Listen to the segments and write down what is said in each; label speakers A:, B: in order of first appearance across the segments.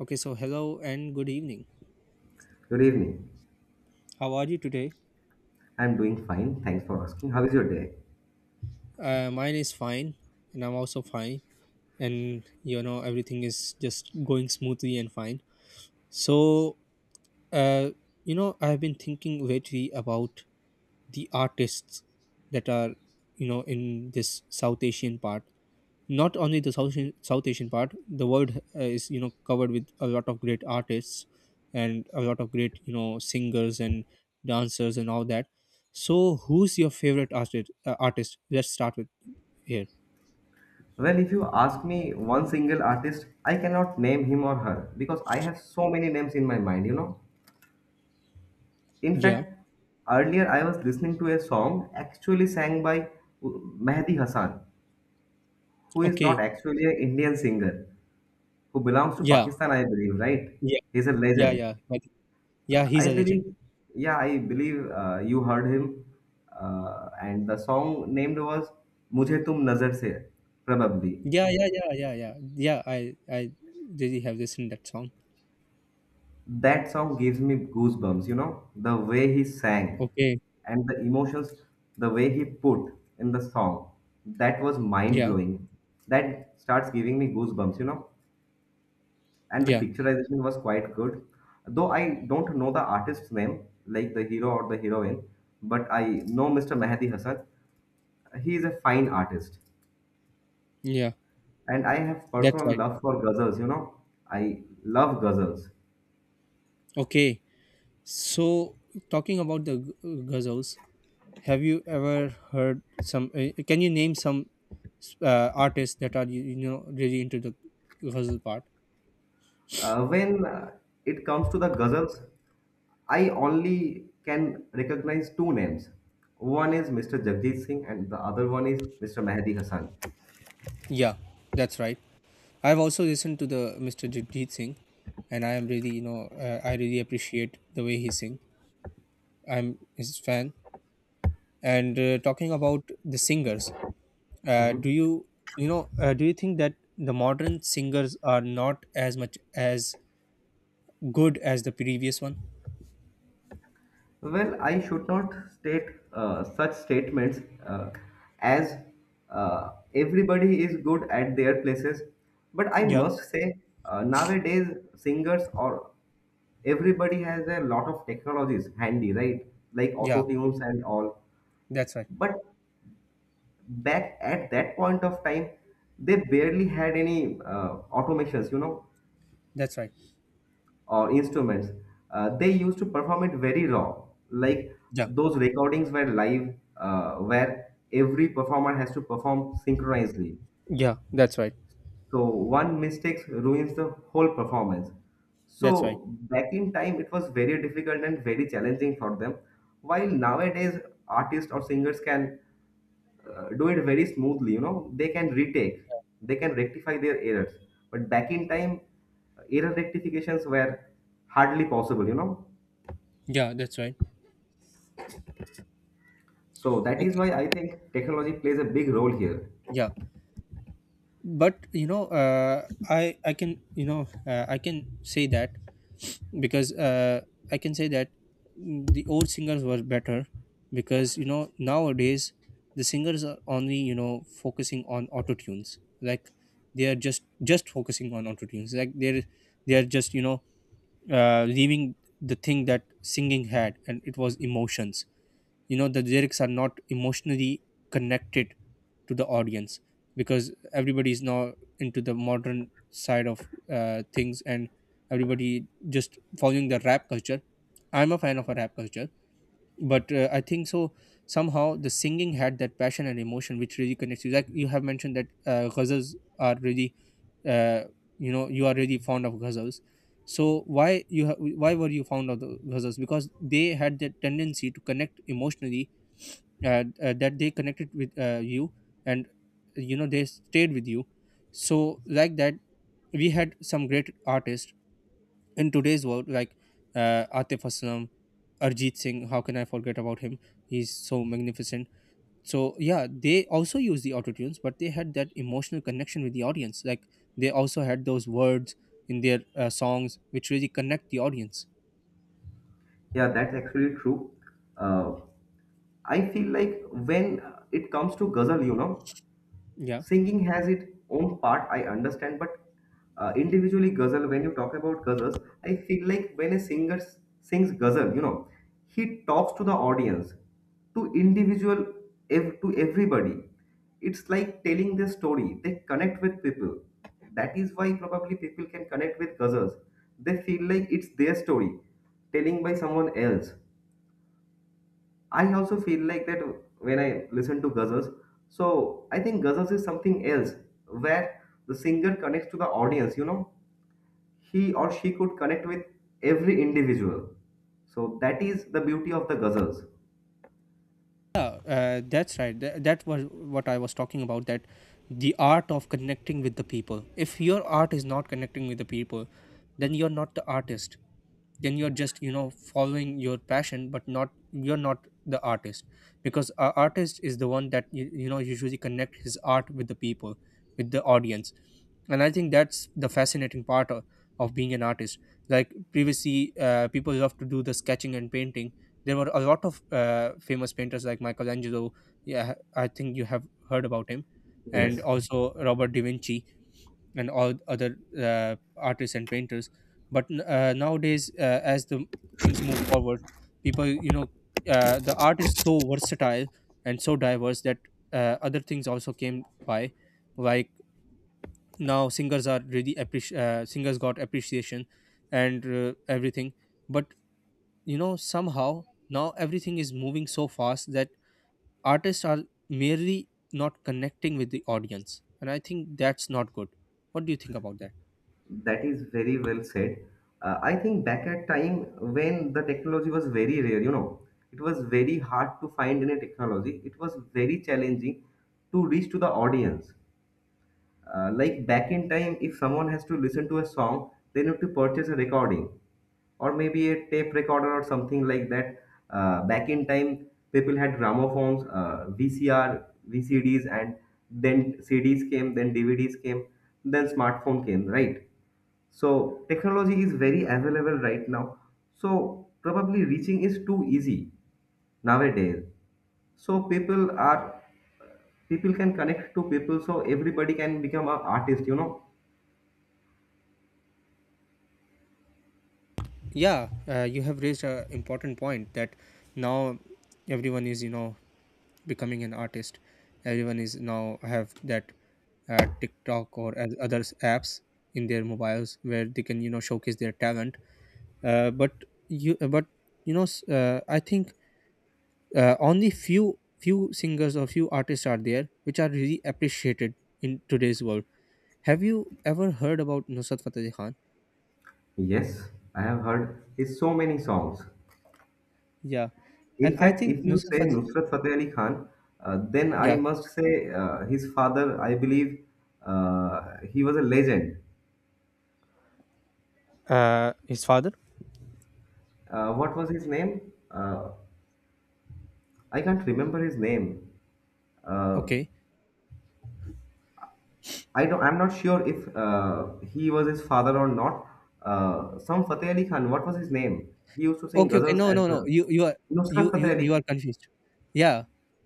A: Okay, so hello and good evening.
B: Good evening.
A: How are you today?
B: I'm doing fine. Thanks for asking. How is your day?
A: Mine is fine, and I'm also fine. And you know, everything is just going smoothly and fine. So, uh, I've been thinking lately about the artists that are, you know, in this South Asian part, not only the South Asian. South Asian part, the world is, you know, covered with a lot of great artists and a lot of great, you know, singers and dancers and all that. So who's your favorite artist, let's start with here?
B: Well, if you ask me one single artist, I cannot name him or her because I have so many names in my mind, you know. In
A: Yeah.
B: fact, earlier I was listening to a song actually sang by Mehdi Hassan, who is not
A: Okay.
B: actually an Indian singer, who belongs to
A: yeah,
B: Pakistan, I believe, right?
A: yeah,
B: He's a
A: yeah,
B: legend.
A: yeah. But- yeah, he's
B: I
A: a legend.
B: believe, yeah, I believe you heard him. And the song named was Mujhe Tum Nazar Se, probably.
A: Yeah, yeah, yeah, yeah, yeah. Yeah, I really have listened that song.
B: That song gives me goosebumps, you know, the way he sang
A: Okay.
B: and the emotions, the way he put in the song. That was mind
A: Yeah,
B: blowing. That starts giving me goosebumps, you know. And the
A: yeah,
B: picturization was quite good. Though I don't know the artist's name, like the hero or the heroine, but I know Mr. Mehdi Hasan, he is a fine artist,
A: yeah,
B: and I have
A: that's
B: personal
A: right.
B: love for ghazals, you know. I love ghazals.
A: Okay. So talking about the ghazals. Have you ever heard some? Can you name some artists that are you know, really into the ghazal part?
B: When it comes to the ghazals, I only can recognize two names. One is Mr. Jagjit Singh and the other one is Mr. Mehdi Hasan.
A: Yeah, that's right. I've also listened to the Mr. Jagdeep Singh, and I am really, I really appreciate the way he sing. I'm his fan. And talking about the singers, uh, do you do you think that the modern singers are not as much as good as the previous one?
B: Well, I should not state such statements, uh, as uh, everybody is good at their places, but I
A: Yeah,
B: must say nowadays singers or everybody has a lot of technologies handy, right? Like
A: yeah,
B: auto tunes and all.
A: that's right,
B: But back at that point of time, they barely had any automations, you know,
A: that's right.
B: or instruments. They used to perform it very raw, like
A: Yeah.
B: those recordings were live, where every performer has to perform synchronously.
A: Yeah, that's right.
B: So one mistake ruins the whole performance.
A: That's right.
B: So back in time, it was very difficult and very challenging for them. While nowadays, artists or singers can do it very smoothly. You know, they can retake, they can rectify their errors. But back in time, error rectifications were hardly possible. You know,
A: Yeah, that's right.
B: so that is
A: Okay.
B: why I think technology plays a big role here.
A: Yeah, but you know, I can, I can say that because I can say that the old singers were better because, you know, nowadays the singers are only, you know, focusing on auto tunes, like they are just focusing on auto tunes, like they're, they are just, you know, leaving the thing that singing had, and it was emotions. You know, the lyrics are not emotionally connected to the audience because everybody is now into the modern side of things, and everybody just following the rap culture. I'm a fan of a rap culture, but I think so, somehow the singing had that passion and emotion which really connects you. Like you have mentioned that ghazals are really, uh, you know, you are really fond of ghazals. So why were you fond of the ghazals? Because they had the tendency to connect emotionally, that they connected with you, and, you know, they stayed with you. So like that, we had some great artists in today's world, like Atif Aslam, Arjit Singh, how can I forget about him? He's so magnificent. So yeah, they also use the auto tunes, but they had that emotional connection with the audience, like they also had those words in their songs which really connect the audience.
B: Yeah, that's actually true. Uh, I feel like when it comes to ghazal, you know,
A: Yeah.
B: singing has its own part, I understand, but individually ghazal, when you talk about ghazals, I feel like when a sings ghazal, you know, he talks to the audience, to individual, to everybody. It's like telling their story. They connect with people. That is why probably people can connect with ghazals. They feel like it's their story, telling by someone else. I also feel like that when I listen to ghazals. So I think ghazals is something else where the singer connects to the audience, you know, he or she could connect with every individual. So that is the beauty of the ghazals.
A: Yeah, that's right. That was what I was talking about. That the art of connecting with the people. If your art is not connecting with the people, then you're not the artist. Then you're just, you know, following your passion, but not you're not the artist, because a artist is the one that you know, usually connect his art with the people, with the audience, and I think that's the fascinating part of being an artist. Like previously, people love to do the sketching and painting. There were a lot of famous painters like Michelangelo. Yeah, I think you have heard about him, and
B: Yes,
A: also Robert da Vinci and all other artists and painters. But nowadays, as the things move forward, people, you know, the art is so versatile and so diverse that other things also came by, like now singers are really singers got appreciation and everything. But you know, somehow now everything is moving so fast that artists are merely not connecting with the audience, and I think that's not good. What do you think about that?
B: that is very well said. I think back at time when the technology was very rare, you know, it was very hard to find any technology. It was very challenging to reach to the audience. Like back in time, if someone has to listen to a song, they need to purchase a recording or maybe a tape recorder or something like that. Back in time, people had gramophones, VCR, VCDs, and then CDs came, then DVDs came, then smartphone came, right? So technology is very available right now. So probably reaching is too easy nowadays, so people can connect to people, so everybody can become an artist, you know.
A: Yeah, you have raised an important point that now everyone is, you know, becoming an artist. Everyone is now have that TikTok or as other apps in their mobiles where they can, you know, showcase their talent. Uh, but you uh, but you know, I think only few singers or few artists are there which are really appreciated in today's world. Have you ever heard about Nusrat Fateh Ali Khan?
B: Yes, I have heard his so many songs.
A: Yeah. And
B: In
A: I
B: fact,
A: think
B: if you
A: Nusrat
B: say
A: Fateh.
B: Nusrat Fateh Ali Khan, then I
A: Yeah.
B: must say his father, I believe, he was a legend.
A: His father?
B: What was his name? uh, I can't remember his name. uh,
A: Okay.
B: I don't, I'm not sure if he was his father or not. Some Fateh Ali Khan, what was his name? He used to sing
A: Okay.
B: ghazals
A: no no
B: as
A: no
B: well.
A: you,
B: Nusrat Fateh Ali
A: you are
B: Khan.
A: confused. Yeah,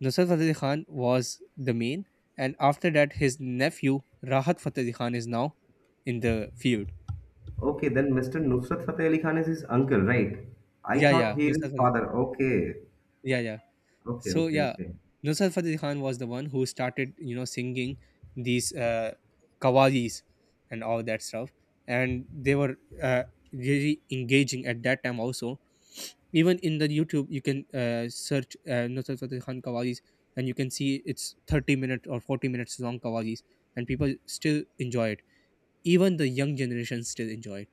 A: Nusrat Fateh Ali Khan was the main, and after that his nephew Rahat Fateh Ali Khan is now in the field.
B: Okay, then Mr. Nusrat Fateh Ali Khan is his uncle, right? I
A: Yeah, yeah,
B: thought he is
A: Nusrat
B: his
A: Fateh,
B: father. Okay,
A: yeah, yeah. So yeah,
B: okay.
A: Nusrat Fateh Khan was the one who started, you know, singing these kawalis and all that stuff, and they were uh, really engaging at that time also. Even in the YouTube, you can search Nusrat Fateh Khan kawalis, and you can see it's 30 minute or 40 minutes long kawalis, and people still enjoy it. Even the young generation still enjoy it.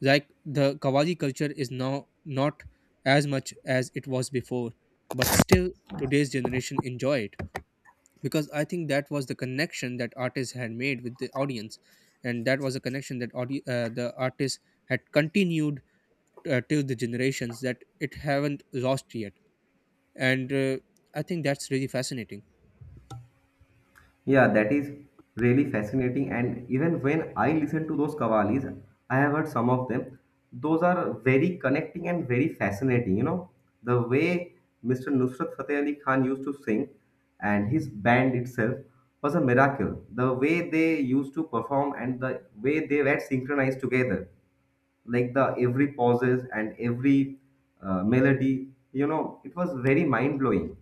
A: Like the Kawaji culture is now not as much as it was before, but still today's generation enjoy it because I think that was the connection that artists had made with the audience, and that was a connection that the artist had continued till the generations, that it haven't lost yet, and I think that's really fascinating.
B: Yeah, that is really fascinating. And even when I listen to those kavalis, I have heard some of them. Those are very connecting and very fascinating. You know, the way Mr. Nusrat Fateh Ali Khan used to sing and his band itself was a miracle. The way they used to perform and the way they were synchronized together, like the every pauses and every melody, you know, it was very mind blowing,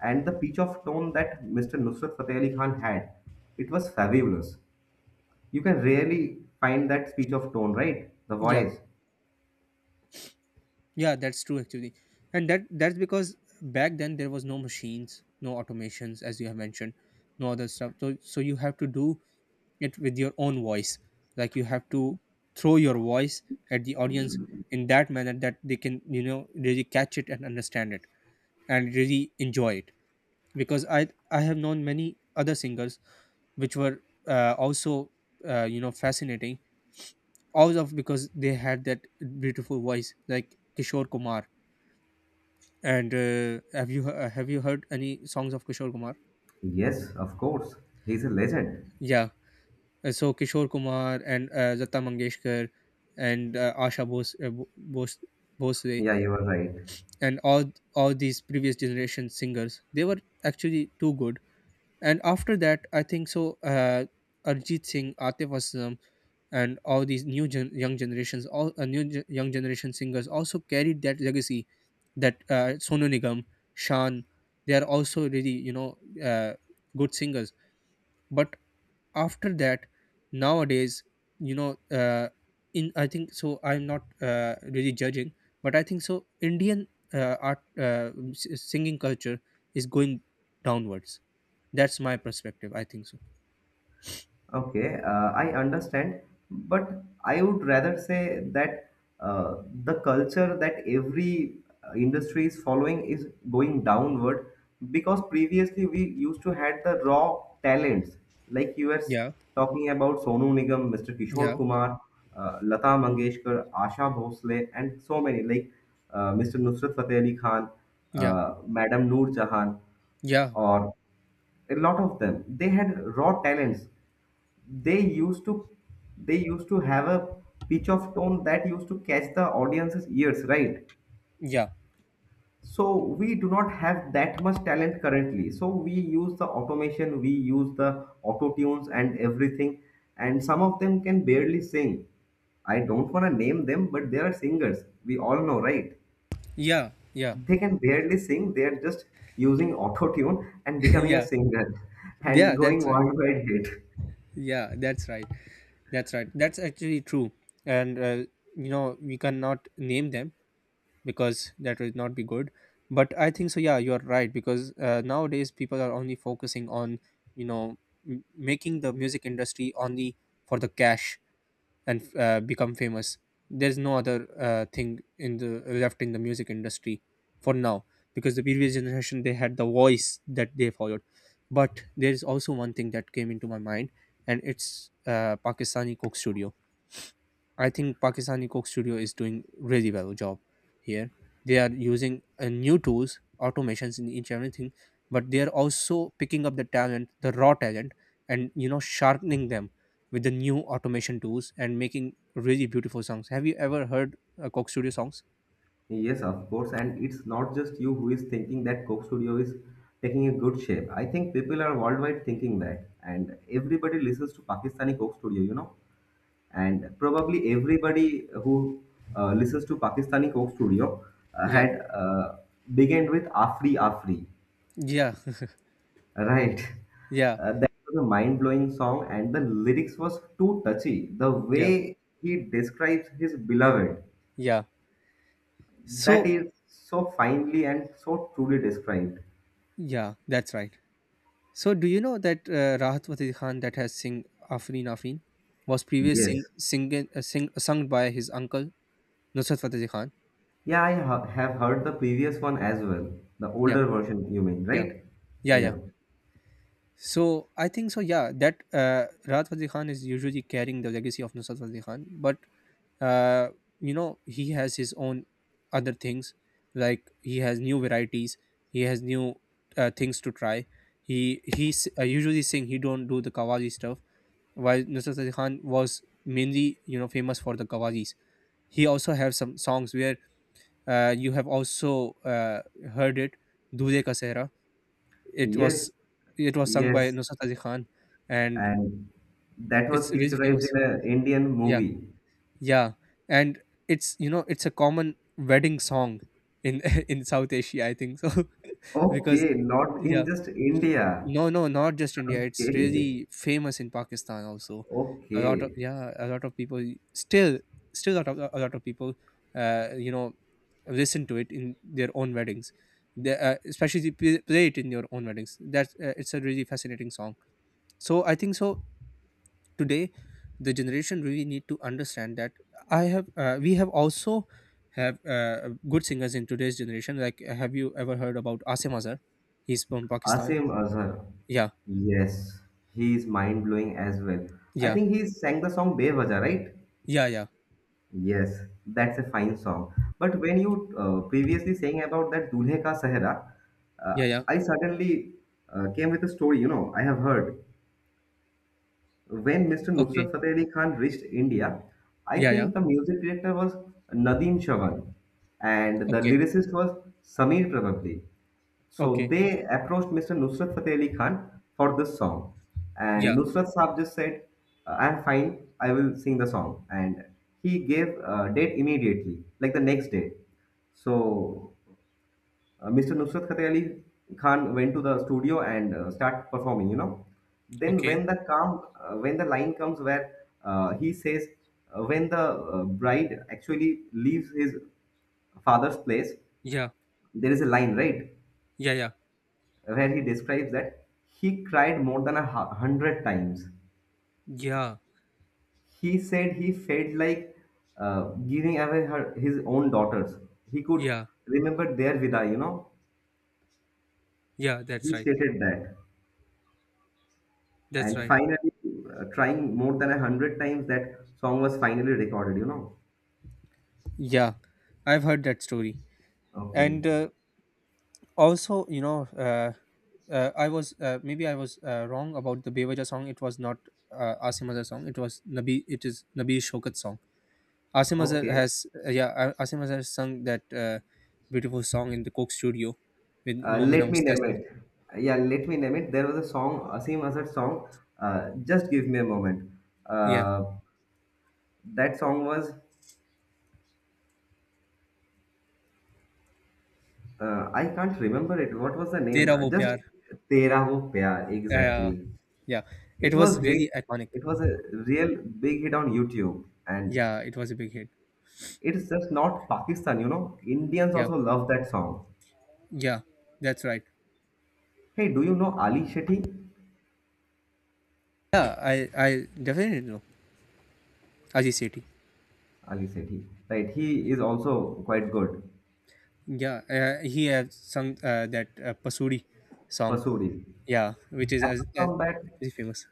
B: and the pitch of tone that Mr. Nusrat Fateh Ali Khan had, it was fabulous. You can rarely find that pitch of tone, right? The
A: Yeah,
B: voice.
A: yeah, that's true actually, and that's because back then there was no machines, no automations, as you have mentioned, no other stuff. So you have to do it with your own voice, like you have to throw your voice at the audience in that manner that they can, you know, really catch it and understand it and really enjoy it. Because I have known many other singers which were also you know, fascinating, all of, because they had that beautiful voice like Kishore Kumar and have you heard any songs of Kishore Kumar?
B: Yes, of course. He's a legend.
A: Yeah. So Kishore Kumar and Lata Mangeshkar and Asha Bosle,
B: Yeah, you are right.
A: and all these previous generation singers, they were actually too good. And after that, I think so. Arjit Singh, Atif Aslam, and all these young generations, all young generation singers also carried that legacy. That Sonu Nigam, Shan, they are also really, you know, uh, good singers. But after that, nowadays, you know, in I think so, I'm not really judging, but I think so, Indian singing culture is going downwards. That's my perspective, I think so.
B: Okay, I understand, but I would rather say that the culture that every industry is following is going downward, because previously we used to had the raw talents, like you
A: Yeah,
B: talking about Sonu Nigam, Mr. Kishore
A: yeah,
B: Kumar, Lata Mangeshkar, Asha Bhosle, and so many, like Mr. Nusrat Fateh Ali Khan,
A: yeah,
B: Madam Noor Jahan,
A: yeah,
B: or a lot of them. They had raw talents. they used to they used to have a pitch of tone that used to catch the audience's ears, right?
A: yeah,
B: So we do not have that much talent currently, so we use the automation, we use the auto tunes and everything, and some of them can barely sing. I don't want to name them, but they are singers we all know, right?
A: yeah, yeah.
B: They can barely sing, they are just using auto tune and becoming a
A: Yeah,
B: singer
A: yeah,
B: and going
A: that's right.
B: worldwide hit.
A: Yeah, that's right. That's right. That's actually true. And you know, we cannot name them because that would not be good, but I think so, yeah, you are right, because nowadays people are only focusing on, you know, making the music industry only for the cash and become famous. There's no other thing in the left in the music industry for now, because the previous generation, they had the voice that they followed. But there is also one thing that came into my mind, and it's Pakistani Cook Studio. I think Pakistani Coke Studio is doing really well job here. They are using new tools, automations in each and everything, but they are also picking up the talent, the raw talent, and, you know, sharpening them with the new automation tools and making really beautiful songs. Have you ever heard Coke Studio songs?
B: Yes, of course, and it's not just you who is thinking that Coke Studio is taking a good shape. I think people are worldwide thinking that, and everybody listens to Pakistani Coke Studio, you know, and probably everybody who listens to Pakistani Coke Studio
A: Yeah,
B: had began with Afri Afri,
A: yeah,
B: right?
A: yeah,
B: That was a mind-blowing song, and the lyrics was too touchy. The
A: yeah,
B: way he describes his beloved,
A: yeah.
B: that
A: So
B: is so finely and so truly described.
A: yeah, that's right. So do you know that Rahat Fateh Khan that has sing Afreen Afreen was previous sing,
B: Yes.
A: sing, sing sung by his uncle Nusrat Fateh Ali Khan.
B: Yeah, I have heard the previous one as well. The
A: Yeah,
B: older version, you mean,
A: yeah,
B: right?
A: yeah, yeah.
B: Yeah.
A: So I think so. Yeah, that Rahat Fateh Ali Khan is usually carrying the legacy of Nusrat Fateh Ali Khan, but uh, you know, he has his own other things. Like he has new varieties, he has new things to try. He's usually sing. He don't do the Qawwali stuff. While Nusrat Fateh Ali Khan was mainly, you know, famous for the Qawwalis. He also have some songs where you have also heard it. Dule Ka Sehra. It was,
B: Yes.
A: it was sung by
B: Yes.
A: Nusrat Ali Khan, and
B: And that was
A: it's really
B: picturized
A: famous.
B: in an Indian
A: Yeah,
B: movie.
A: yeah, and it's, you know, it's a common wedding song in in South Asia, I think so, because
B: Okay, not
A: yeah,
B: in just India.
A: no, no, not just India. It's
B: Okay.
A: really famous in Pakistan also. A lot of,
B: Okay.
A: yeah, a lot of people still still, a lot a lot of people you know, listen to it in their own weddings. They, especially they play it in your own weddings. That's it's a really fascinating song, so I think today the generation really need to understand that. I have We have also have good singers in today's generation. Like have you ever heard about Asim Azhar? He's from Pakistan.
B: Asim Azhar.
A: Yeah,
B: Yes. He is mind blowing as well. I
A: yeah,
B: think he sang the song Bewaja, right?
A: yeah, yeah,
B: Yes, that's a fine song. But when you previously saying about that Dulhe Ka Sehra, uh,
A: yeah, yeah,
B: I suddenly came with a story, you know, I have heard. When Mr.
A: okay,
B: Nusrat Fateh Ali Khan reached India, I
A: yeah, yeah,
B: think the music director was Nadeem Chavan and the
A: okay,
B: lyricist was Sameer, probably. So
A: okay,
B: they approached Mr. Nusrat Fateh Ali Khan for this song. And
A: yeah,
B: Nusrat Saab just said, I'm fine, I will sing the song. And he gave a date immediately, like the next day. So Mr. Nusrat Fateh Ali Khan went to the studio and start performing. You know, then
A: okay,
B: when the line comes where he says, when the bride actually leaves his father's place,
A: yeah,
B: there is a line, right,
A: yeah, yeah,
B: where he describes that he cried more than a hundred times.
A: yeah,
B: He said he felt like uh, giving away her his own daughters. He could
A: yeah,
B: remember their vida. You know,
A: yeah, that's
B: he
A: right,
B: stated that.
A: that's
B: And
A: right.
B: finally, trying more than a hundred times, that song was finally recorded, you know.
A: Yeah, I've heard that story.
B: Okay,
A: And also, you know, I was maybe I was wrong about the Bewaja song. It was not Asim Azhar song. It was Nabi, it is Nabi Shokat song. Asim Azhar
B: okay.
A: has yeah, Asim Azhar sung that beautiful song in the Coke Studio with Momina
B: Let me name
A: Mustasan.
B: it. Yeah, let me name it. There was a song, Asim Azad song. Just give me a moment.
A: Yeah.
B: Uh, that song was, I can't remember it. What was the name?
A: Tera Wo
B: Just
A: Pyar.
B: Tera Wo Pyar.
A: Yeah, yeah, yeah.
B: Exactly.
A: Yeah. It
B: It
A: was
B: was hit.
A: really iconic.
B: It was a real big hit on YouTube, and
A: Yeah, it was a big hit.
B: it's just not Pakistan. You know, Indians
A: Yeah,
B: also love that song.
A: yeah, that's right.
B: Hey, do you know Ali Shetty?
A: Yeah, I, I definitely know Aji Sethi.
B: Ali Shetty, right? He is also quite good.
A: Yeah, he has sung that Pasuri song.
B: Pasuri.
A: Yeah, which is as,
B: Apart
A: as
B: from that,
A: is famous.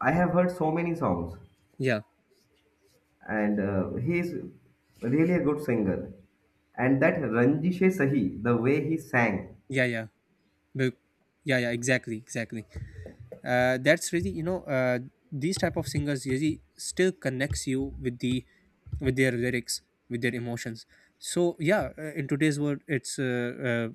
B: I have heard so many songs,
A: Yeah,
B: and he is really a good singer. And that Ranjishe Sahi, the way he sang,
A: yeah, yeah. Be- yeah, yeah. Exactly, exactly. That's really, you know, these type of singers really still connects you with the with their lyrics, with their emotions. So yeah, in today's world, it's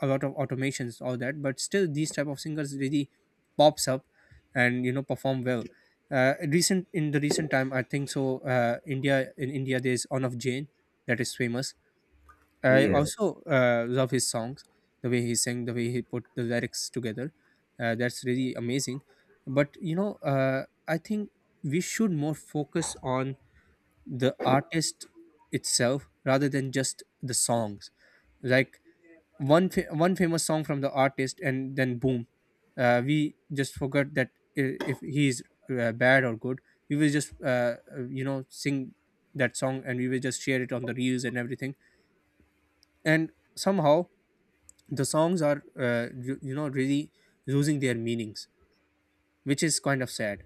A: a lot of automations, all that. But still, these type of singers really pops up and, you know, perform well. Recent in the recent time, I think so. India in India, there's On of Jane that is famous. I
B: yes.
A: also love his songs, the way he sang, the way he put the lyrics together. That's really amazing. But you know, I think we should more focus on the artist itself rather than just the songs. Like one famous song from the artist, and then boom, we just forgot that, if he's bad or good, we will just you know, sing that song and we will just share it on the reels and everything. And somehow the songs are, you know, really losing their meanings, which is kind of sad.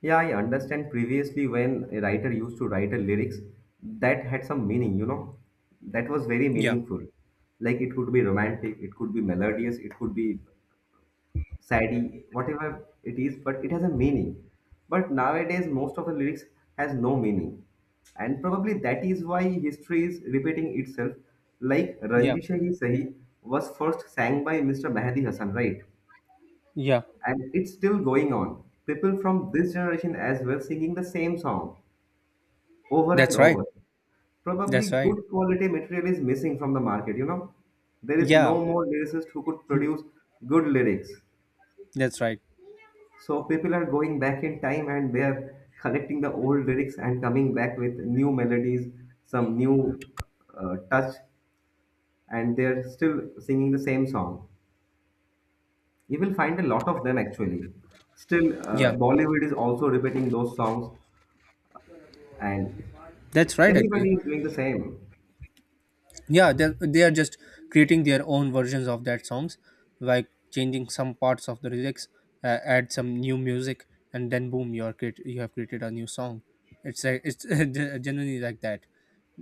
B: Yeah, I understand, previously when a writer used to write a lyrics that had some meaning, you know, that was very
A: Yeah,
B: meaningful. Like it could be romantic, it could be melodious, it could be sadie, whatever it is, but it has a meaning. But nowadays, most of the lyrics has no meaning, and probably that is why history is repeating itself. Like
A: yeah,
B: Ranjisha Hi Sahi was first sang by Mr. Mahdi Hasan, right?
A: yeah,
B: And it's still going on. People from this generation as well singing the same song over and
A: that's right,
B: over. Probably
A: that's right,
B: good quality material is missing from the market, you know? There is
A: yeah,
B: no more lyricist who could produce good lyrics.
A: that's right,
B: So people are going back in time and they are collecting the old lyrics and coming back with new melodies, some new touch, and they're still singing the same song. You will find a lot of them actually. Still,
A: yeah,
B: Bollywood is also repeating those songs, and
A: that's right actually.
B: everybody is doing the same.
A: Yeah, they are just creating their own versions of that songs, like changing some parts of the lyrics, add some new music, and then boom, you have created a new song. It's like it's generally like that.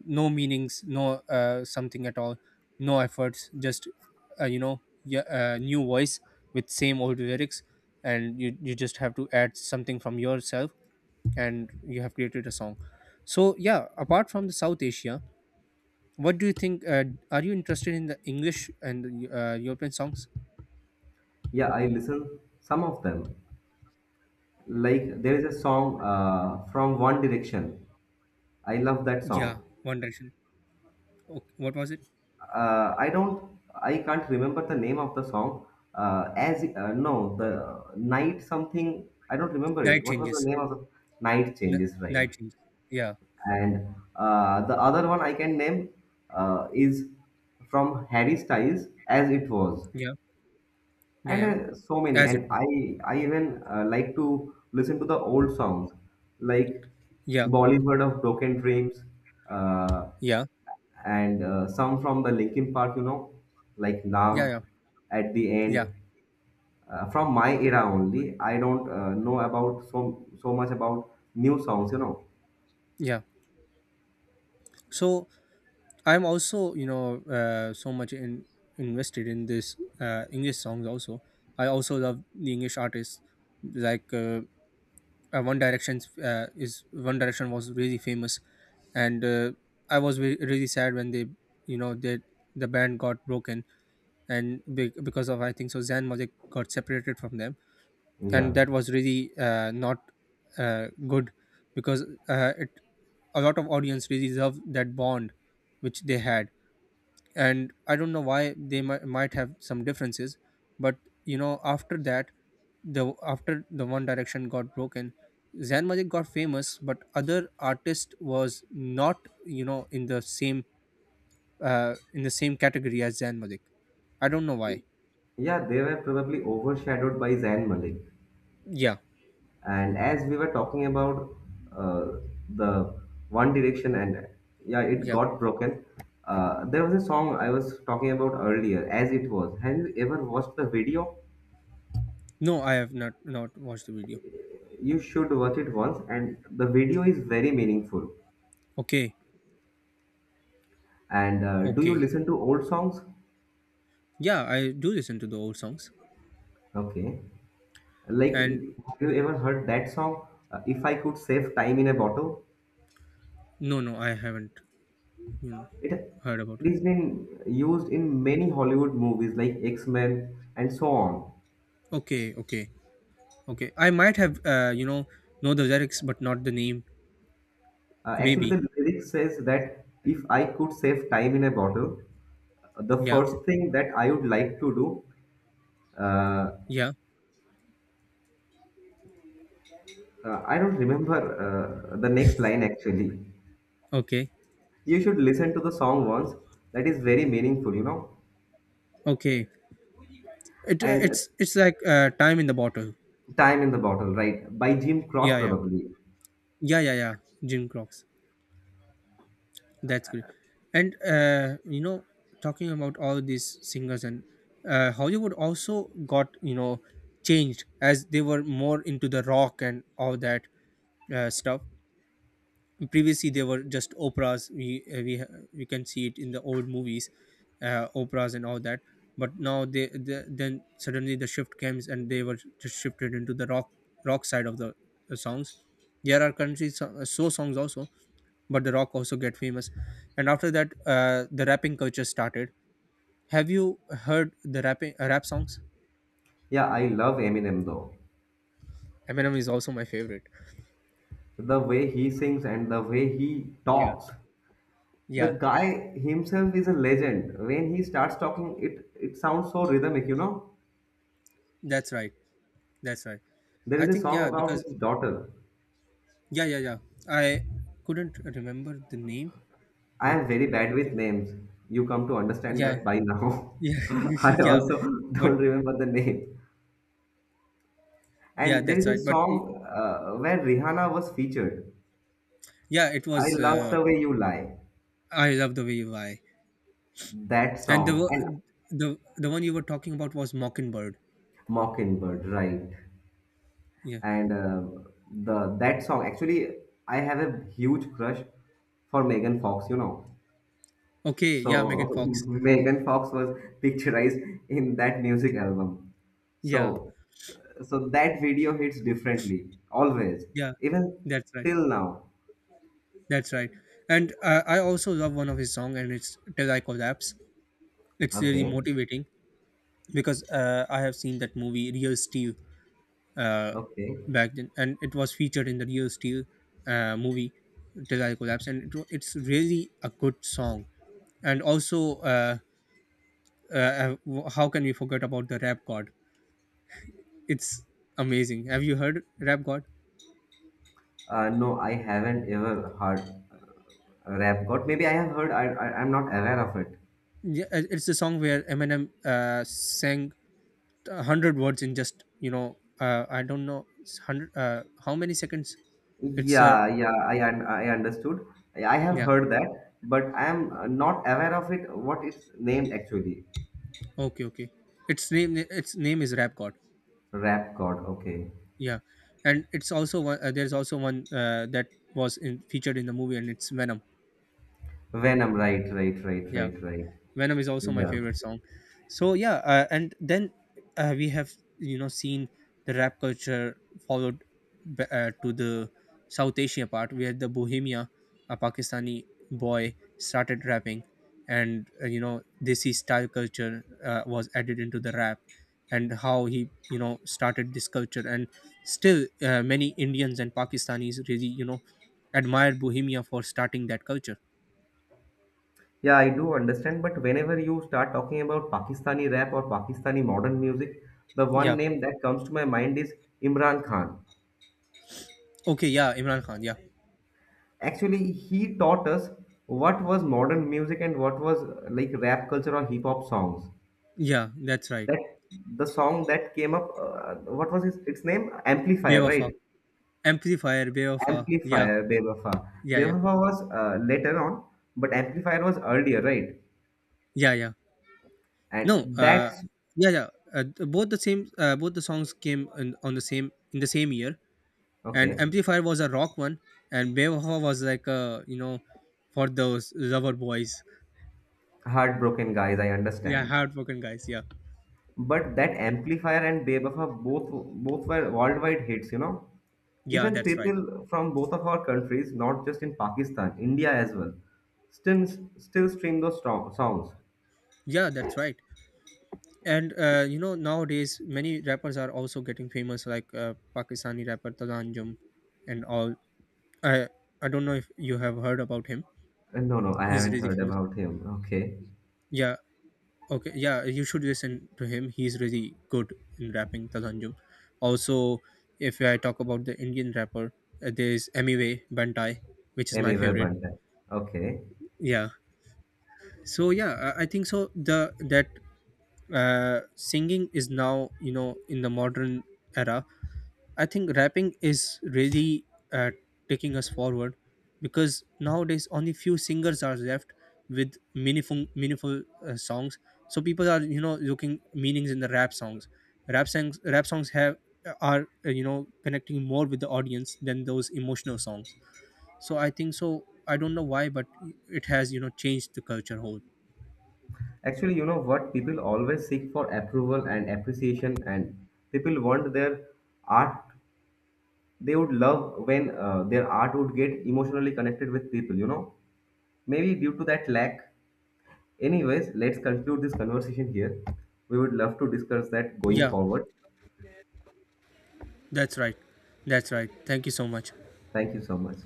A: No meanings, no something at all, no efforts. Just you know, yeah, new voice with same old lyrics, and you just have to add something from yourself and you have created a song. So yeah, apart from the South Asia, what do you think? Are you interested in the English and European songs?
B: Yeah, I listen some of them. Like there is a song from One Direction. I love that
A: Yeah,
B: song.
A: One Direction. Oh, what was it?
B: I can't remember the name of the song. As no, The night something. I don't remember
A: Night
B: it. What was the
A: Changes.
B: name of the night
A: N-
B: changes, right?
A: Night Changes. Yeah,
B: And the other one I can name is from Harry Styles, as it was,
A: yeah, yeah,
B: and
A: yeah.
B: so many.
A: As it
B: And
A: was.
B: I even like to listen to the old songs, like
A: Yeah,
B: Bollywood of Broken Dreams, uh,
A: yeah,
B: and some from the Linkin Park, you know, like
A: yeah,
B: naam
A: yeah,
B: at the end,
A: yeah,
B: from my era only. I don't know about so so much about new songs, you know.
A: yeah. So I'm also, you know, invested in this English songs. Also, I also love the English artists like One Direction. Is One Direction was really famous, and I was really sad when they, you know, they the band got broken, and because of, I think so, Zan Malik got separated from them, and
B: Yeah,
A: that was really not good, because it a lot of audience really loved that bond which they had, and I don't know why. They might have some differences, but you know, after that, the after the One Direction got broken, Zayn Malik got famous, but other artist was not, you know, in the same category as Zayn Malik. I don't know why.
B: yeah, they were probably overshadowed by Zayn Malik.
A: Yeah,
B: And as we were talking about uh, the One Direction, and yeah, it
A: yeah.
B: got broken. There was a song I was talking about earlier, As It Was. Have you ever watched the video?
A: No, I have not watched the video.
B: You should watch it once, and the video is very meaningful.
A: Okay,
B: And do you
A: okay.
B: listen to old songs?
A: Yeah, I do listen to the old songs,
B: Okay. Like,
A: and
B: have you ever heard that song, If I Could Save Time in a Bottle?
A: no, no, I haven't, you know,
B: It,
A: heard about
B: it
A: it.
B: has been used in many Hollywood movies like X Men and so on.
A: Okay, okay. Okay, I might have, you know the lyrics but not the name.
B: Actually,
A: Maybe.
B: the lyric says that if I could save time in a bottle, the
A: Yeah.
B: first thing that I would like to do, uh,
A: Yeah.
B: I don't remember the next line actually.
A: Okay.
B: You should listen to the song once. That is very meaningful, you know.
A: Okay. It
B: And
A: it's like time in the bottle.
B: Time in the Bottle, right? By Jim Cross,
A: Yeah. Yeah.
B: probably.
A: Yeah. Yeah. Yeah. Jim Crocs. That's good. And you know, talking about all these singers and Hollywood also got, you know, changed, as they were more into the rock and all that stuff. Previously there were just operas. We we can see it in the old movies, operas and all that. But now they then suddenly the shift comes and they were just shifted into the rock, rock side of the songs. There are country songs also, but the rock also get famous. And after that, the rapping culture started. Have you heard the rapping, rap songs?
B: Yeah, I love Eminem though.
A: Eminem is also my favorite.
B: The way he sings and the way he
A: Yeah.
B: talks. The
A: Yeah,
B: guy himself is a legend. When he starts talking, it sounds so rhythmic, you know.
A: that's right, that's right.
B: There
A: I
B: is a
A: think,
B: song
A: yeah,
B: about
A: because
B: his daughter.
A: yeah, yeah, yeah. I couldn't remember the name,
B: I
A: but
B: am very bad with names. You come to understand
A: yeah,
B: that by now.
A: yeah,
B: I
A: yeah.
B: also
A: But
B: don't remember the name.
A: yeah,
B: And there
A: that's
B: is a
A: right.
B: song where Rihanna was featured.
A: Yeah, it
B: I
A: was.
B: love the way you lie.
A: I Love the Way You Lie.
B: That
A: And the
B: song and
A: wo- the the one you were talking about was Mockingbird.
B: Mockingbird, right?
A: Yeah.
B: And the that song actually, I have a huge crush for Megan Fox, you know.
A: Okay. Yeah,
B: So
A: Megan Fox.
B: Megan Fox was picturized in that music album.
A: Yeah,
B: So so that video hits differently, always,
A: yeah.
B: even
A: That's right.
B: till now.
A: That's right. And I also love one of his song, and it's Till I Collapse. It's really
B: Okay,
A: motivating, because I have seen that movie Real Steel uh,
B: okay.
A: back then, and it was featured in the Real Steel movie. Till I Collapse, and it's really a good song. And also, how can we forget about the Rap God? It's amazing. Have you heard Rap God?
B: No, I haven't ever heard rap god. Maybe I have heard. I'm not aware of it.
A: Yeah, it's the song where Eminem sang 100 words in just, you know, I don't know, it's hundred how many seconds. It's
B: Yeah, yeah. I understood. I have
A: yeah,
B: heard that, but I am not aware of it. What it's named actually?
A: okay, okay. Its name is Rap God.
B: Rap god. Okay.
A: Yeah, and it's also one, that was featured in the movie, and it's Venom.
B: Venom. Right, right, right,
A: Yeah.
B: right, right.
A: Venom is also my
B: Yeah.
A: favorite song. So yeah, and then we have, you know, seen the rap culture followed to the South Asia part, where the Bohemia, a Pakistani boy, started rapping, and you know, Desi style culture was added into the rap, and how he, you know, started this culture, and still many Indians and Pakistanis really, you know, admire Bohemia for starting that culture.
B: Yeah, I do understand, but whenever you start talking about Pakistani rap or Pakistani modern music, the
A: Yeah.
B: one name that comes to my mind is Imran Khan.
A: Okay. Yeah, Imran Khan. Yeah.
B: Actually, he taught us what was modern music and what was like rap culture or hip hop songs.
A: Yeah, that's right.
B: That the song that came up, its name? Amplifier,
A: Beofa.
B: right?
A: Amplifier, Beofa. Yeah,
B: Amplifier, Bewafa.
A: yeah, yeah,
B: Bewafa was later on, but Amplifier was earlier, right?
A: yeah, yeah. No,
B: And that's
A: Yeah, yeah. Both the same, both the songs came on the same in the same year, and
B: okay.
A: Amplifier was a rock one, and Beofa was like a, you know, for those lover boys,
B: Heartbroken guys, I
A: yeah,
B: understand.
A: hardworking guys. Yeah,
B: But that amplifier and Bebapa both both were worldwide hits, you know.
A: yeah,
B: Even
A: that's right.
B: people from both of our countries, not just in Pakistan, India as well, still still stream those strong songs.
A: Yeah, that's right. And you know, nowadays many rappers are also getting famous, like Pakistani rapper Talanjum and all. I I don't know if you have heard about him.
B: No, no, I
A: He's
B: haven't
A: really
B: heard
A: famous.
B: about him. Okay.
A: Yeah. Okay. Yeah. You should listen to him. He's really good in rapping, Talanjum. Also, if I talk about the Indian rapper, there's Emiway Bantai, which is my
B: Amiva
A: favorite.
B: Bandai. Okay,
A: Yeah. So yeah, I think so. The that Singing is now, you know, in the modern era, I think rapping is really uh, taking us forward, because nowadays only few singers are left with meaningful songs. So people are, you know, looking meanings in the rap songs. Rap songs have are you know, connecting more with the audience than those emotional songs. So I think so. I don't know why, but it has, you know, changed the culture whole.
B: actually, you know what? People always seek for approval and appreciation, and people want their art. They would love when their art would get emotionally connected with people. You know, maybe due to that lack. Anyways, let's conclude this conversation here. We would love to discuss that going
A: Yeah,
B: forward.
A: that's right. That's right. Thank you so much.
B: Thank you so much.